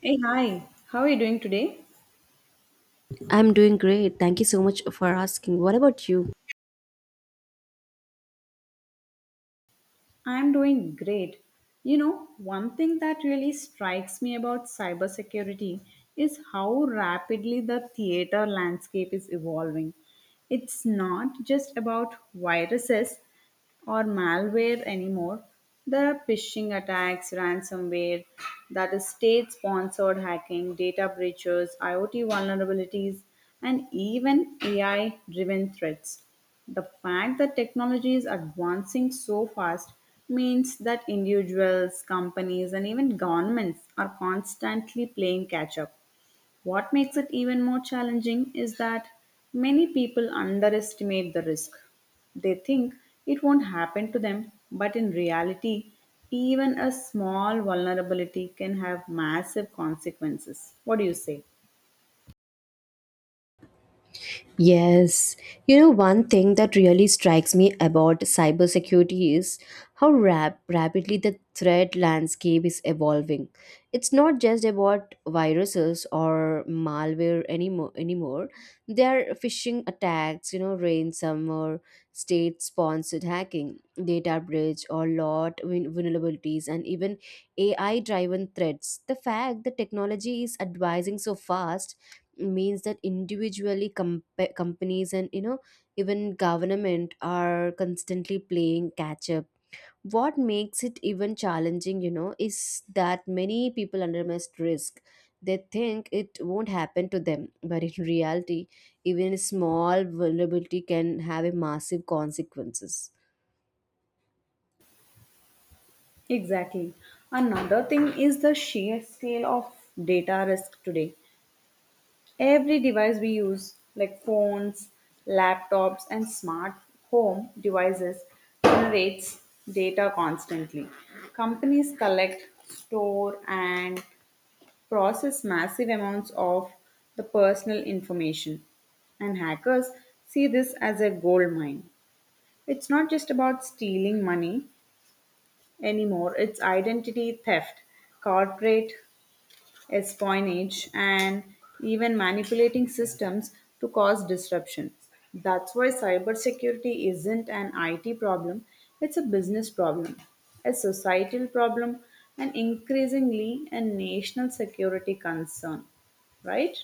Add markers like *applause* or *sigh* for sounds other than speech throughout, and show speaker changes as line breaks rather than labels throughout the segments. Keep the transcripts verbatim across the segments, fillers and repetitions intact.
Hey, hi. How are you doing today?
I'm doing great. Thank you so much for asking. What about you?
I'm doing great. You know, one thing that really strikes me about cybersecurity is how rapidly the theater landscape is evolving. It's not just about viruses or malware anymore. There are phishing attacks, ransomware, that is state sponsored hacking, data breaches, IoT vulnerabilities, and even A I driven threats. The fact that technology is advancing so fast means that individuals, companies, and even governments are constantly playing catch up. What makes it even more challenging is that many people underestimate the risk. They think it won't happen to them, but in reality, even a small vulnerability can have massive consequences. What do you say?
Yes. You know, one thing that really strikes me about cybersecurity is how rap- rapidly the threat landscape is evolving. It's not just about viruses or malware anymore. anymore. There are phishing attacks, you know, ransomware, state sponsored hacking, data breach, or lot vul- vulnerabilities, and even A I driven threats. The fact that technology is advising so fast means that individually, comp- companies, and you know even government are constantly playing catch up. What makes it even challenging, you know is that many people underestimate risk. They think it won't happen to them, *laughs* but in reality, even a small vulnerability can have a massive consequences.
Exactly. Another thing is the sheer scale of data risk today. Every device we use, like phones, laptops, and smart home devices, generates data constantly. Companies collect, store, and process massive amounts of the personal information. And hackers see this as a gold mine. It's not just about stealing money anymore, it's identity theft, corporate espionage, and even manipulating systems to cause disruption. That's why cybersecurity isn't an I T problem, it's a business problem, a societal problem, and increasingly a national security concern, right?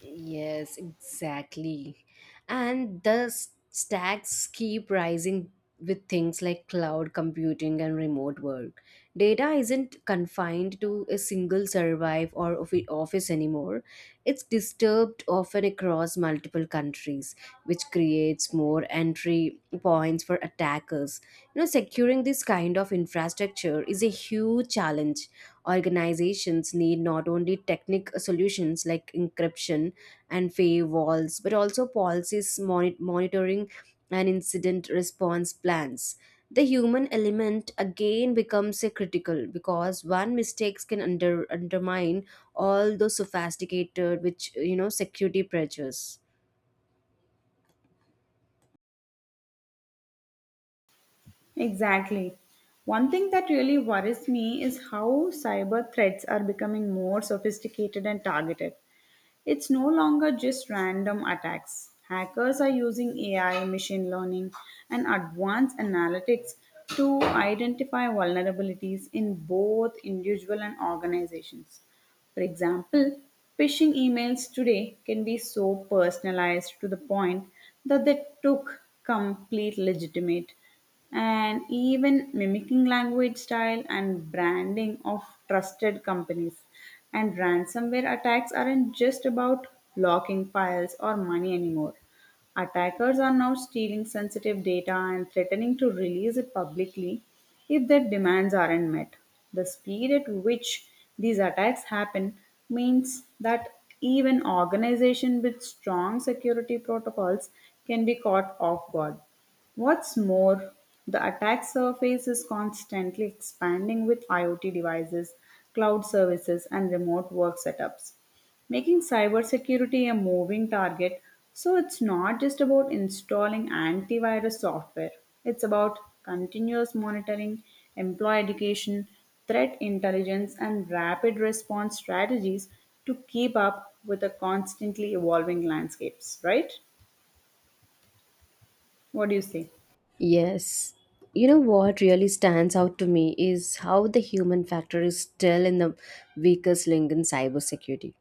Yes, exactly. And the s- stacks keep rising with things like cloud computing and remote work. Data isn't confined to a single survive or offi- office anymore. It's disturbed often across multiple countries, which creates more entry points for attackers. You know, securing this kind of infrastructure is a huge challenge. Organizations need not only technical solutions like encryption and firewalls, but also policies, moni- monitoring, and incident response plans. The human element again becomes a critical, because one mistakes can under, undermine all those sophisticated, which you know, security pressures.
Exactly. One thing that really worries me is how cyber threats are becoming more sophisticated and targeted. It's no longer just random attacks. Hackers are using A I, machine learning, and advanced analytics to identify vulnerabilities in both individual and organizations. For example, phishing emails today can be so personalized to the point that they took complete legitimate and even mimicking language style and branding of trusted companies. And ransomware attacks aren't just about locking files or money anymore. Attackers are now stealing sensitive data and threatening to release it publicly if their demands aren't met. The speed at which these attacks happen means that even organizations with strong security protocols can be caught off guard. What's more, the attack surface is constantly expanding with IoT devices, cloud services, and remote work setups, making cybersecurity a moving target. So it's not just about installing antivirus software, it's about continuous monitoring, employee education, threat intelligence, and rapid response strategies to keep up with the constantly evolving landscapes, right? What do you say?
Yes. You know what really stands out to me is how the human factor is still in the weakest link in cybersecurity.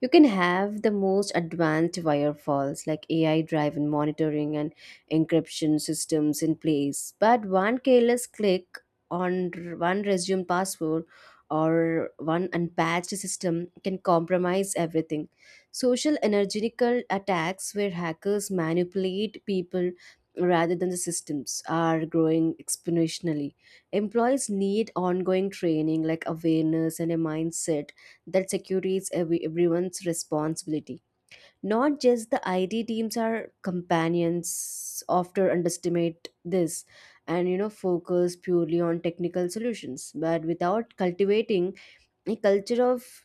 You can have the most advanced firewalls like A I driven monitoring and encryption systems in place, but one careless click on r- one resume password or one unpatched system can compromise everything. Social energetical attacks where hackers manipulate people rather than the systems are growing exponentially. Employees need ongoing training like awareness and a mindset that security is every, everyone's responsibility. Not just the I T teams are companions often underestimate this, and you know focus purely on technical solutions, but without cultivating a culture of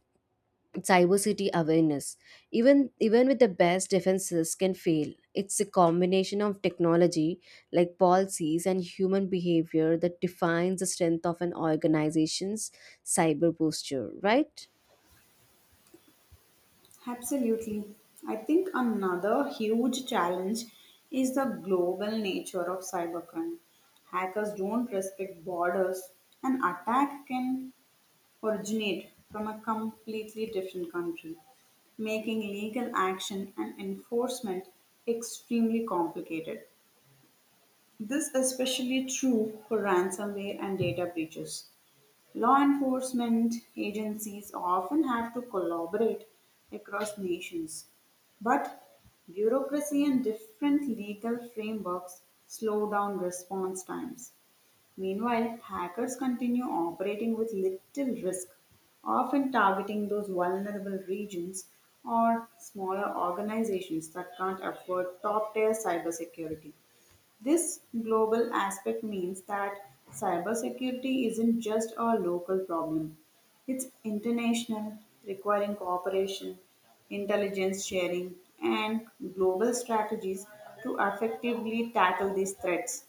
diversity awareness, even even with the best defenses can fail. It's a combination of technology like policies and human behavior that defines the strength of an organization's cyber posture, right?
Absolutely. I think another huge challenge is the global nature of cybercrime. Hackers don't respect borders. An attack can originate from a completely different country, making legal action and enforcement extremely complicated. This is especially true for ransomware and data breaches. Law enforcement agencies often have to collaborate across nations, but bureaucracy and different legal frameworks slow down response times. Meanwhile, hackers continue operating with little risk, often targeting those vulnerable regions or smaller organizations that can't afford top tier cybersecurity. This global aspect means that cybersecurity isn't just a local problem, it's international, requiring cooperation, intelligence sharing, and global strategies to effectively tackle these threats.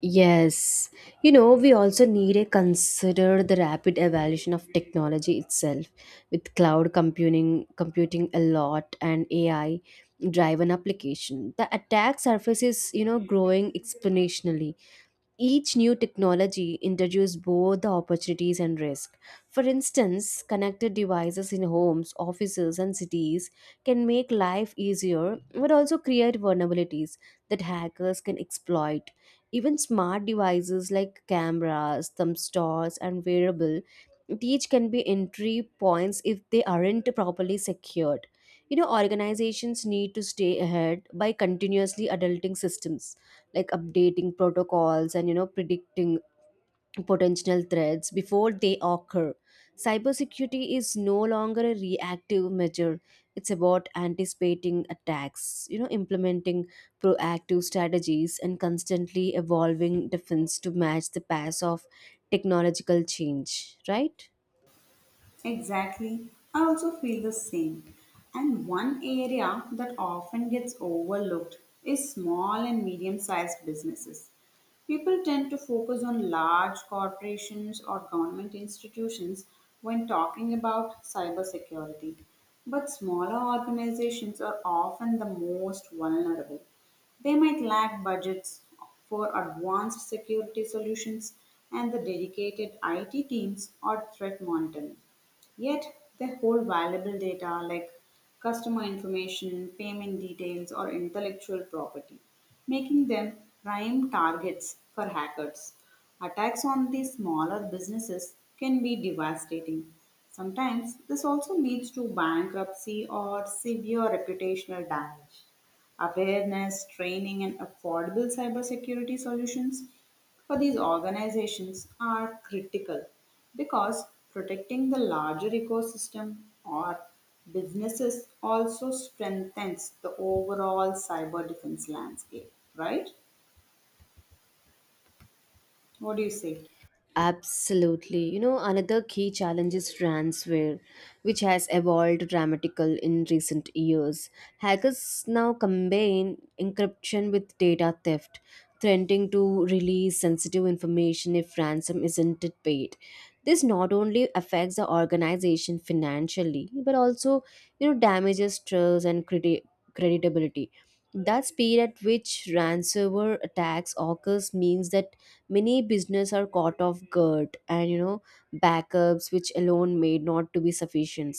Yes, you know, we also need to consider the rapid evolution of technology itself with cloud computing computing a lot and A I driven application. The attack surface is, you know, growing exponentially. Each new technology introduces both the opportunities and risk. For instance, connected devices in homes, offices, and cities can make life easier but also create vulnerabilities that hackers can exploit. Even smart devices like cameras, thumb stores, and wearable each can be entry points if they aren't properly secured. You know organizations need to stay ahead by continuously adulting systems like updating protocols, and you know predicting potential threats before they occur. Cybersecurity is no longer a reactive measure. It's about anticipating attacks, you know implementing proactive strategies and constantly evolving defense to match the pace of technological change, right?
Exactly. I also feel the same. And one area that often gets overlooked is small and medium sized businesses. People tend to focus on large corporations or government institutions when talking about cybersecurity. But smaller organizations are often the most vulnerable. They might lack budgets for advanced security solutions and the dedicated I T teams or threat monitoring. Yet they hold valuable data like customer information, payment details, or intellectual property, making them prime targets for hackers. Attacks on these smaller businesses can be devastating. Sometimes this also leads to bankruptcy or severe reputational damage awareness, training, and affordable cybersecurity solutions for these organizations are critical because protecting the larger ecosystem or businesses also strengthens the overall cyber defense landscape, right? What do you say?
Absolutely. You know, another key challenge is ransomware, which has evolved dramatically in recent years. Hackers now combine encryption with data theft, threatening to release sensitive information if ransom isn't paid. This not only affects the organization financially, but also, you know, damages trust and credi- credibility. The speed at which ransomware attacks occurs means that many business are caught off guard, and you know backups which alone may not to be sufficient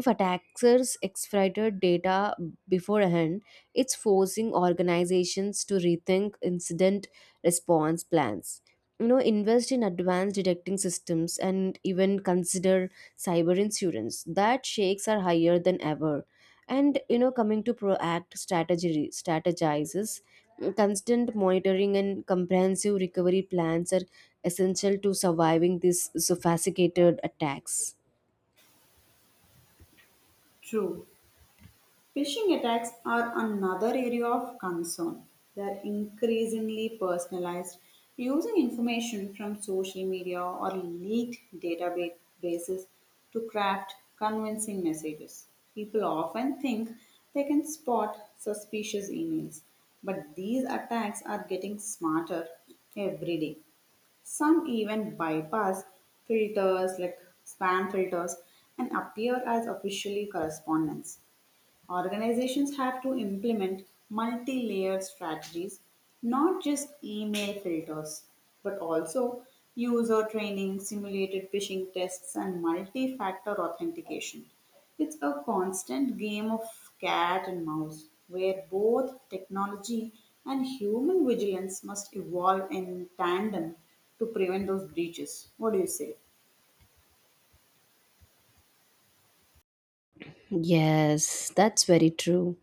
if attackers exfiltrate data beforehand. It's forcing organizations to rethink incident response plans. You know, invest in advanced detecting systems and even consider cyber insurance. That shakes are higher than ever. And you know, coming to proact strategy strategizes, constant monitoring and comprehensive recovery plans are essential to surviving these sophisticated attacks.
True. Phishing attacks are another area of concern. They're increasingly personalized, using information from social media or leaked databases to craft convincing messages. People often think they can spot suspicious emails, but these attacks are getting smarter every day. Some even bypass filters like spam filters and appear as officially correspondence. Organizations have to implement multi layered strategies, not just email filters, but also user training, simulated phishing tests, and multi factor authentication. It's a constant game of cat and mouse where both technology and human vigilance must evolve in tandem to prevent those breaches. What do you say?
Yes, that's very true.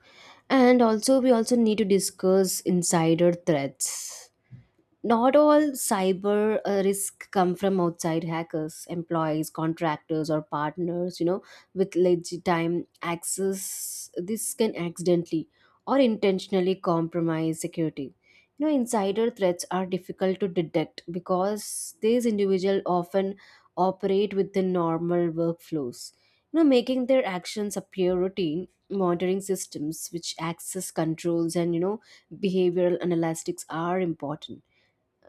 And also, we also need to discuss insider threats. Not all cyber uh, risk come from outside hackers, employees, contractors, or partners, you know with legitimate access. This can accidentally or intentionally compromise security. You know insider threats are difficult to detect because these individuals often operate within normal workflows, you know making their actions appear routine. Monitoring systems, which access controls, and you know behavioral analytics are important.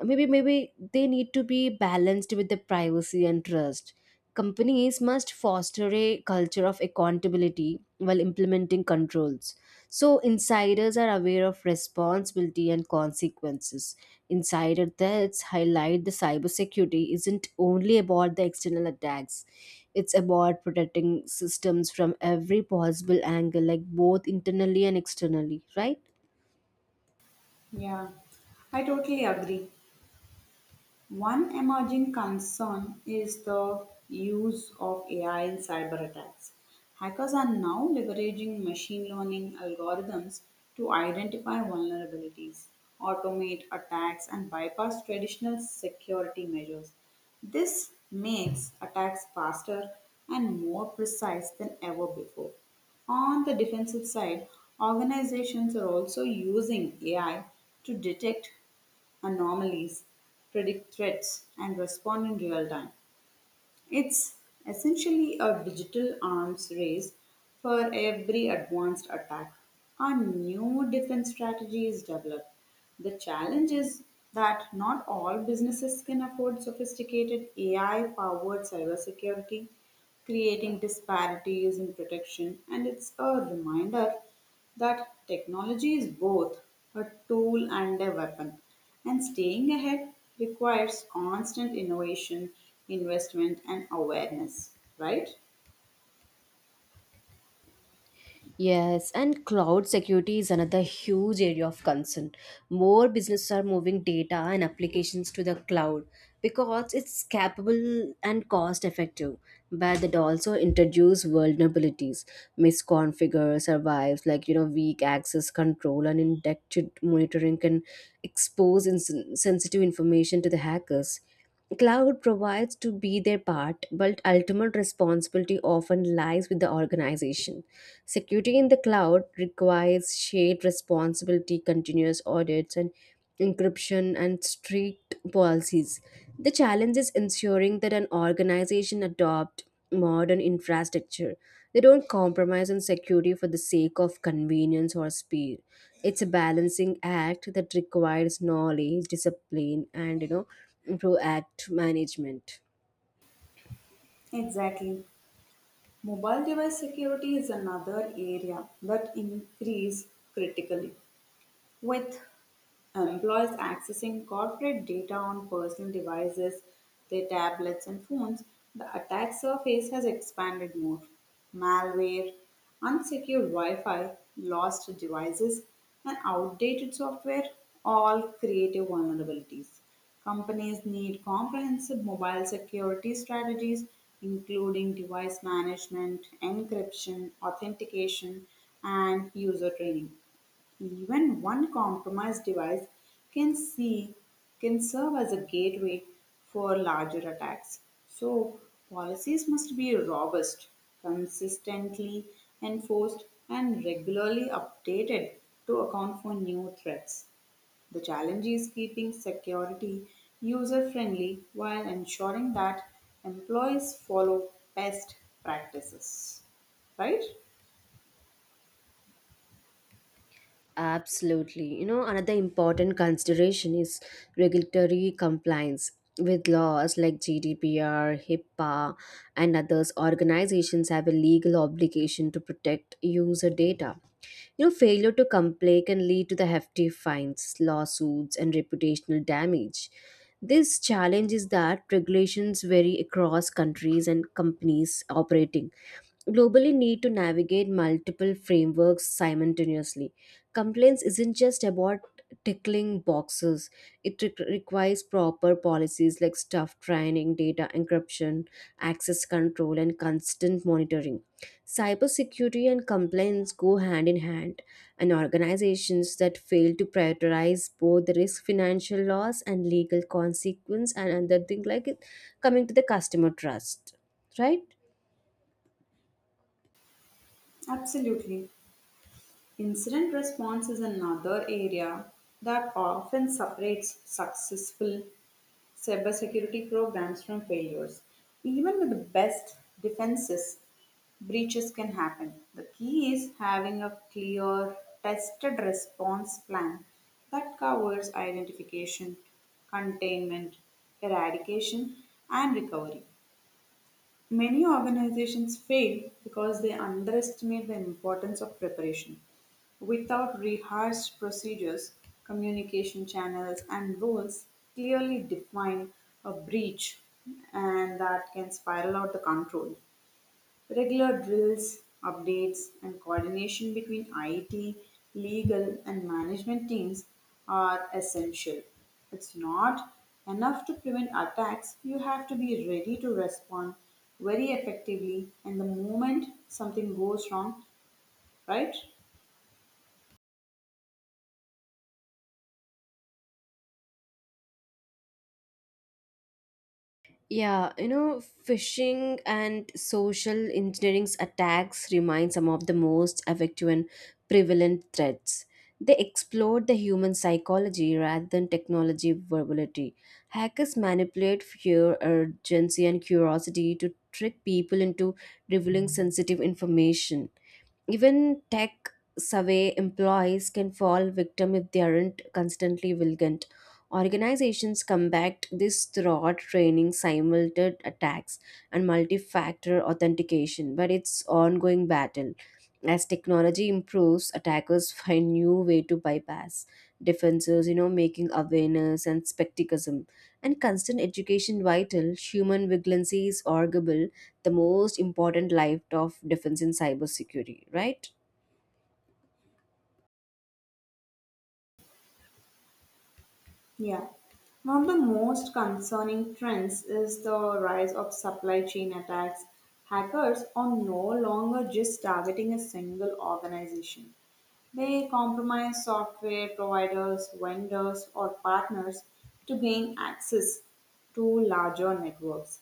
Maybe maybe they need to be balanced with the privacy and trust. Companies must foster a culture of accountability while implementing controls, so insiders are aware of responsibility and consequences. Insider threats highlight the cybersecurity isn't only about the external attacks. It's about protecting systems from every possible angle, like both internally and externally, right?
Yeah, I totally agree. One emerging concern is the use of A I in cyber attacks. Hackers are now leveraging machine learning algorithms to identify vulnerabilities, automate attacks, and bypass traditional security measures. This makes attacks faster and more precise than ever before. On the defensive side, organizations are also using A I to detect anomalies, predict threats, and respond in real time. It's essentially a digital arms race for every advanced attack. A new defense strategy is developed. The challenge is that not all businesses can afford sophisticated A I powered cybersecurity, creating disparities in protection, and it's a reminder that technology is both a tool and a weapon. And staying ahead requires constant innovation, investment, and awareness, right?
Yes, and cloud security is another huge area of concern. More businesses are moving data and applications to the cloud because it's capable and cost effective, but it also introduces vulnerabilities, misconfigure survives like you know weak access control and indexed monitoring can expose ins- sensitive information to the hackers. Cloud provides to be their part, but ultimate responsibility often lies with the organization. Security in the cloud requires shared responsibility, continuous audits, and encryption and strict policies. The challenge is ensuring that an organization adopt modern infrastructure. They don't compromise on security for the sake of convenience or speed. It's a balancing act that requires knowledge, discipline, and you know, proactive management.
Exactly. Mobile device security is another area that increase critically. With employees accessing corporate data on personal devices, their tablets, and phones, the attack surface has expanded more. Malware, unsecured Wi Fi, lost devices, and outdated software all create a vulnerabilities. Companies need comprehensive mobile security strategies, including device management, encryption, authentication, and user training. Even one compromised device can see can serve as a gateway for larger attacks. So policies must be robust, consistently enforced, and regularly updated to account for new threats. The challenge is keeping security user friendly while ensuring that employees follow best practices. Right?
Absolutely. You know, another important consideration is regulatory compliance. With laws like G D P R, HIPAA, and others, organizations have a legal obligation to protect user data. You know, failure to comply can lead to the hefty fines, lawsuits, and reputational damage. This challenge is that regulations vary across countries and companies operating globally need to navigate multiple frameworks simultaneously. Complaints isn't just about tickling boxes. It re- requires proper policies like staff training, data encryption, access control, and constant monitoring. Cybersecurity and compliance go hand in hand, and organizations that fail to prioritize both the risk, financial loss, and legal consequence, and another thing like it coming to the customer trust, right?
Absolutely. Incident response is another area that often separates successful cybersecurity programs from failures. Even with the best defenses, breaches can happen. The key is having a clear, tested response plan that covers identification, containment, eradication, and recovery. Many organizations fail because they underestimate the importance of preparation. Without rehearsed procedures, communication channels, and roles clearly define a breach, and that can spiral out the control. Regular drills, updates, and coordination between I T, legal, and management teams are essential. It's not enough to prevent attacks, you have to be ready to respond very effectively and the moment something goes wrong, right?
Yeah, you know, phishing and social engineering's attacks remain some of the most effective and prevalent threats. They exploit the human psychology rather than technology verbality. Hackers manipulate fear, urgency, and curiosity to trick people into revealing sensitive information. Even tech savvy employees can fall victim if they aren't constantly vigilant. Organizations combat this throughout training, simulated attacks, and multi factor authentication, but it's ongoing battle. As technology improves, attackers *laughs* find new way to bypass defenses, you know, making awareness and skepticism and constant education vital. Human vigilance is arguable the most important life of defense in cybersecurity, right?
Yeah. One of the most concerning trends is the rise of supply chain attacks. Hackers are no longer just targeting a single organization. They compromise software providers, vendors, or partners to gain access to larger networks.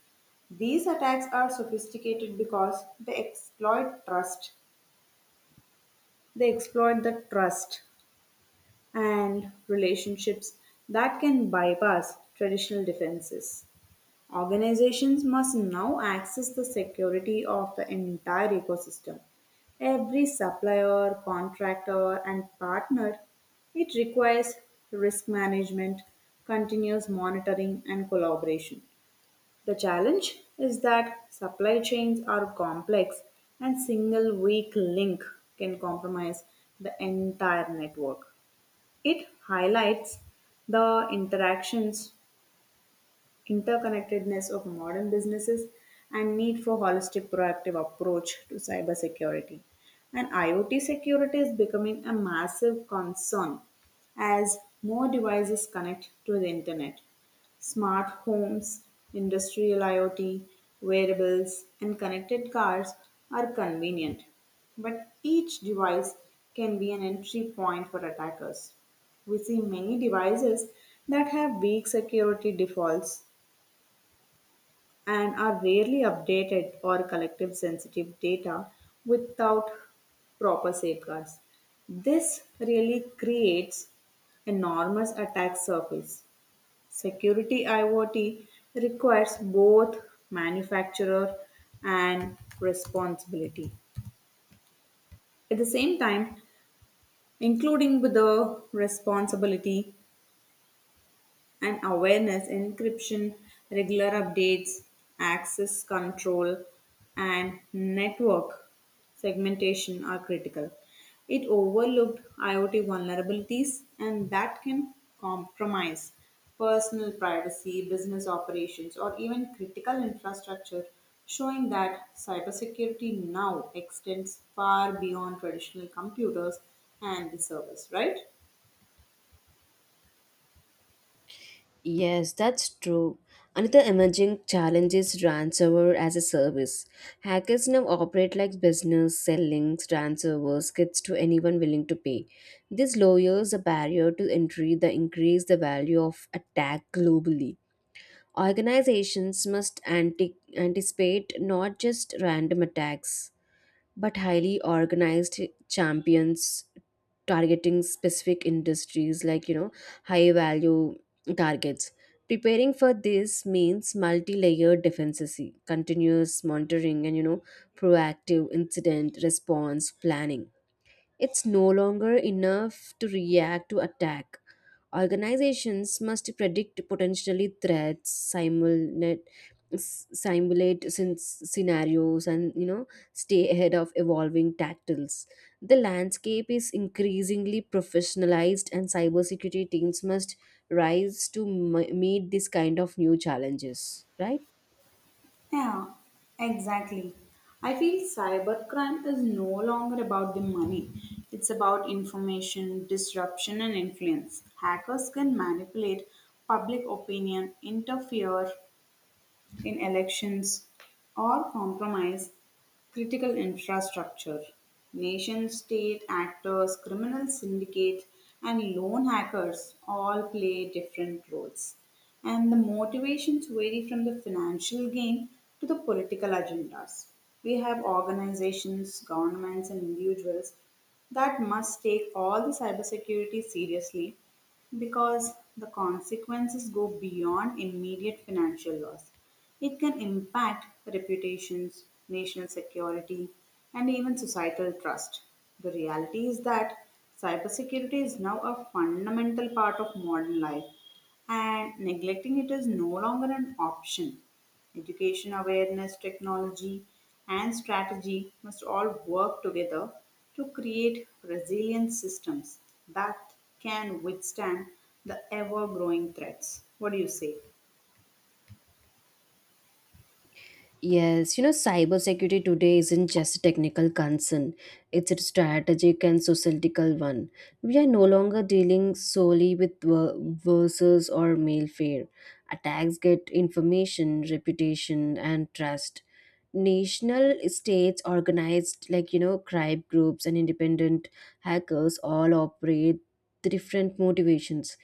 These attacks are sophisticated because they exploit trust. They exploit the trust and relationships that can bypass traditional defenses. Organizations must now access the security of the entire ecosystem. Every supplier, contractor, and partner, it requires risk management, continuous monitoring, and collaboration. The challenge is that supply chains are complex and single weak link can compromise the entire network. It highlights the interactions interconnectedness of modern businesses and need for holistic proactive approach to cybersecurity. And IoT security is becoming a massive concern as more devices connect to the internet. Smart homes, industrial IoT, wearables, and connected cars are convenient, but each device can be an entry point for attackers. We see many devices that have weak security defaults and are rarely updated or collective sensitive data without proper safeguards. This really creates enormous attack surface. Security IoT requires both manufacturer and responsibility. At the same time, including with the responsibility and awareness, encryption, regular updates, access control, and network segmentation are critical. It overlooked IoT vulnerabilities, and that can compromise personal privacy, business operations, or even critical infrastructure, showing that cybersecurity now extends far beyond traditional computers and the service, right?
Yes, that's true. Another emerging challenge is ransomware as a service. Hackers now operate like business, selling ransomware kits to anyone willing to pay. This lowers the barrier to entry, the increase the value of attack globally. Organizations must anti- anticipate not just random attacks, but highly organized champions targeting specific industries like you know high value targets. Preparing for this means multi-layered defenses, continuous monitoring, and you know proactive incident response planning. It's no longer enough to react to attack. Organizations must predict potentially threats simultaneously, s- simulate sin- scenarios, and you know stay ahead of evolving tactiles. The landscape is increasingly professionalized, and cybersecurity teams must rise to m- meet this kind of new challenges, right?
Yeah, exactly. I feel cybercrime is no longer about the money. It's about information, disruption, and influence. Hackers can manipulate public opinion, interfere in elections or compromise critical infrastructure. Nation state actors, criminal syndicate, and lone hackers all play different roles. And the motivations vary from the financial gain to the political agendas. We have organizations, governments, and individuals that must take all the cybersecurity seriously because the consequences go beyond immediate financial loss. It can impact reputations, national security, and even societal trust. The reality is that cybersecurity is now a fundamental part of modern life, and neglecting it is no longer an option. Education awareness, technology, and strategy must all work together to create resilient systems that can withstand the ever growing threats. What do you say?
Yes, you know, cybersecurity today isn't just a technical concern. It's a strategic and societal one. We are no longer dealing solely with ver- verses or malware. Attacks get information, reputation, and trust. National states organized, like, you know, crime groups and independent hackers all operate different motivations,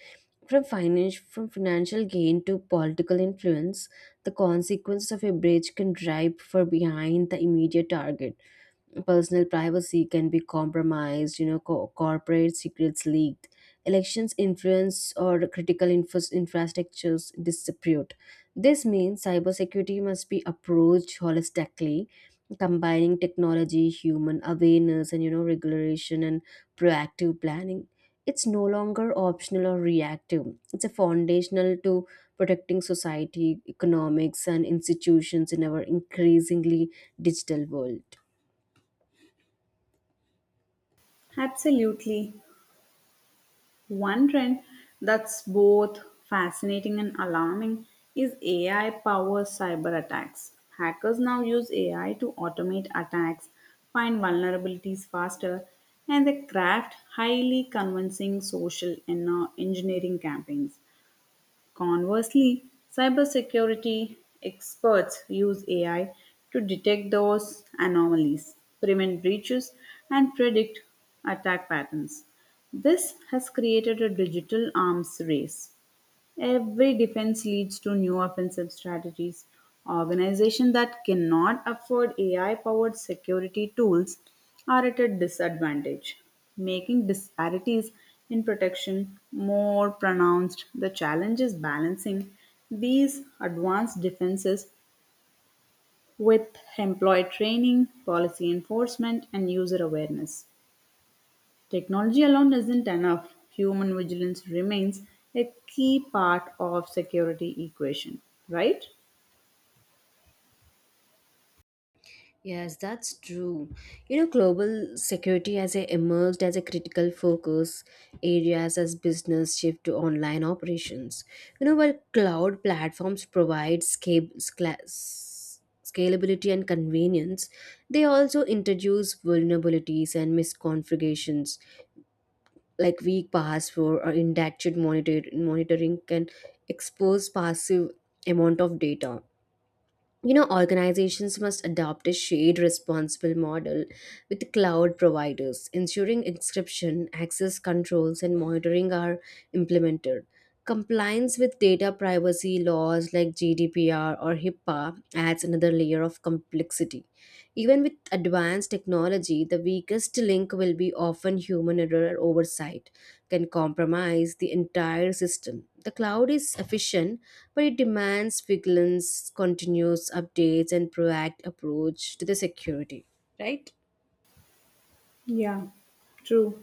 from finance from financial gain to political influence. The consequences of a breach can drive far behind the immediate target. Personal privacy can be compromised, you know, co- corporate secrets leaked, elections influence or critical infras- infrastructures disrepute. This means cybersecurity must be approached holistically, combining technology, human awareness, and you know, regulation and proactive planning. It's no longer optional or reactive. It's a foundational to protecting society, economics, and institutions in our increasingly digital world.
Absolutely. One trend that's both fascinating and alarming is A I powered cyber attacks. Hackers now use A I to automate attacks, find vulnerabilities faster, and they craft highly convincing social and uh, engineering campaigns. Conversely, cybersecurity experts use A I to detect those anomalies, prevent breaches, and predict attack patterns. This has created a digital arms race. Every defense leads to new offensive strategies. Organizations that cannot afford A I powered security tools are at a disadvantage, making disparities in protection more pronounced. The challenge is balancing these advanced defenses with employee training, policy enforcement, and user awareness. Technology alone isn't enough. Human vigilance remains a key part of security equation, right?
Yes, that's true. You know, global security has uh, emerged as a critical focus areas as business shift to online operations. You know, while cloud platforms provide sca- scla- s- scalability and convenience, they also introduce vulnerabilities and misconfigurations like weak password or inadequate monitor- monitoring can expose passive amount of data. You know organizations must adopt a shared responsible model with cloud providers ensuring encryption access controls and monitoring are implemented. Compliance with data privacy laws like GDPR or HIPAA adds another layer of complexity. Even with advanced technology, the weakest link will be often human error or oversight can compromise the entire system. The cloud is efficient, but it demands vigilance, continuous updates, and proactive approach to the security, right?
Yeah, true.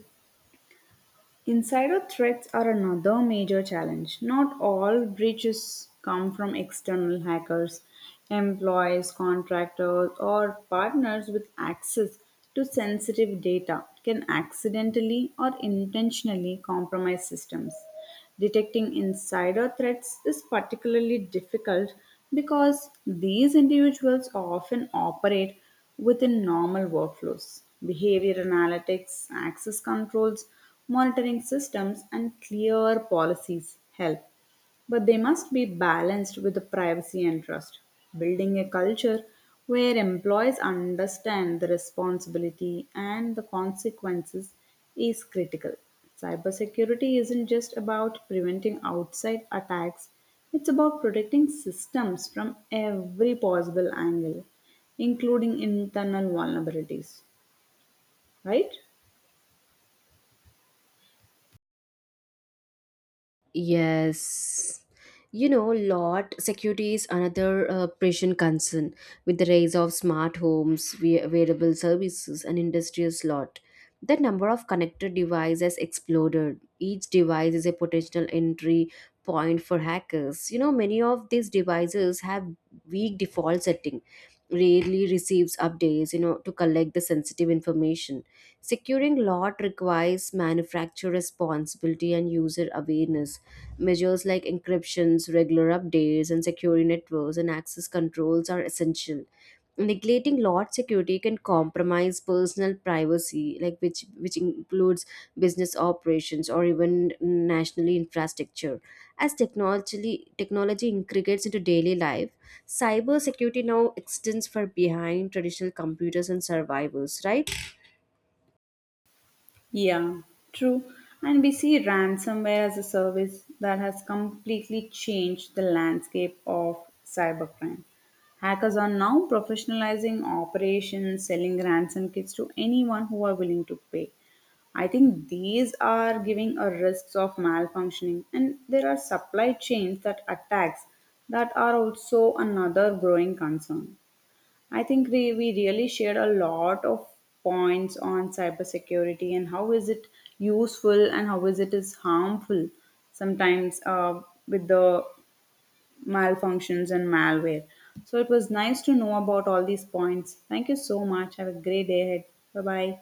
Insider threats are another major challenge. Not all breaches come from external hackers. Employees, contractors, or partners with access to sensitive data can accidentally or intentionally compromise systems. Detecting insider threats is particularly difficult because these individuals often operate within normal workflows. Behavior analytics, access controls, monitoring systems, and clear policies help. But they must be balanced with the privacy and trust. Building a culture where employees understand the responsibility and the consequences is critical. Cybersecurity isn't just about preventing outside attacks, it's about protecting systems from every possible angle, including internal vulnerabilities, right?
Yes. You know, lot security is another uh, pressing concern with the rise of smart homes, we- wearable services, and industrious lot. The number of connected devices exploded. Each device is a potential entry point for hackers. You know, many of these devices have weak default setting, rarely receives updates, you know, to collect the sensitive information. Securing lot requires manufacturer responsibility and user awareness. Measures like encryptions, regular updates, and secure networks and access controls are essential. Neglecting lot security can compromise personal privacy, like which which includes business operations or even nationally infrastructure. As technology technology integrates into daily life, cyber security now extends far behind traditional computers and survivors, right?
Yeah, true. And we see ransomware as a service that has completely changed the landscape of cybercrime. Hackers are now professionalizing operations, selling ransom kits to anyone who are willing to pay. I think these are giving a risks of malfunctioning, and there are supply chains that attacks that are also another growing concern. I think we, we really shared a lot of points on cybersecurity and how is it useful and how is it is harmful sometimes uh, with the malfunctions and malware. So it was nice to know about all these points. Thank you so much. Have a great day ahead. Bye bye.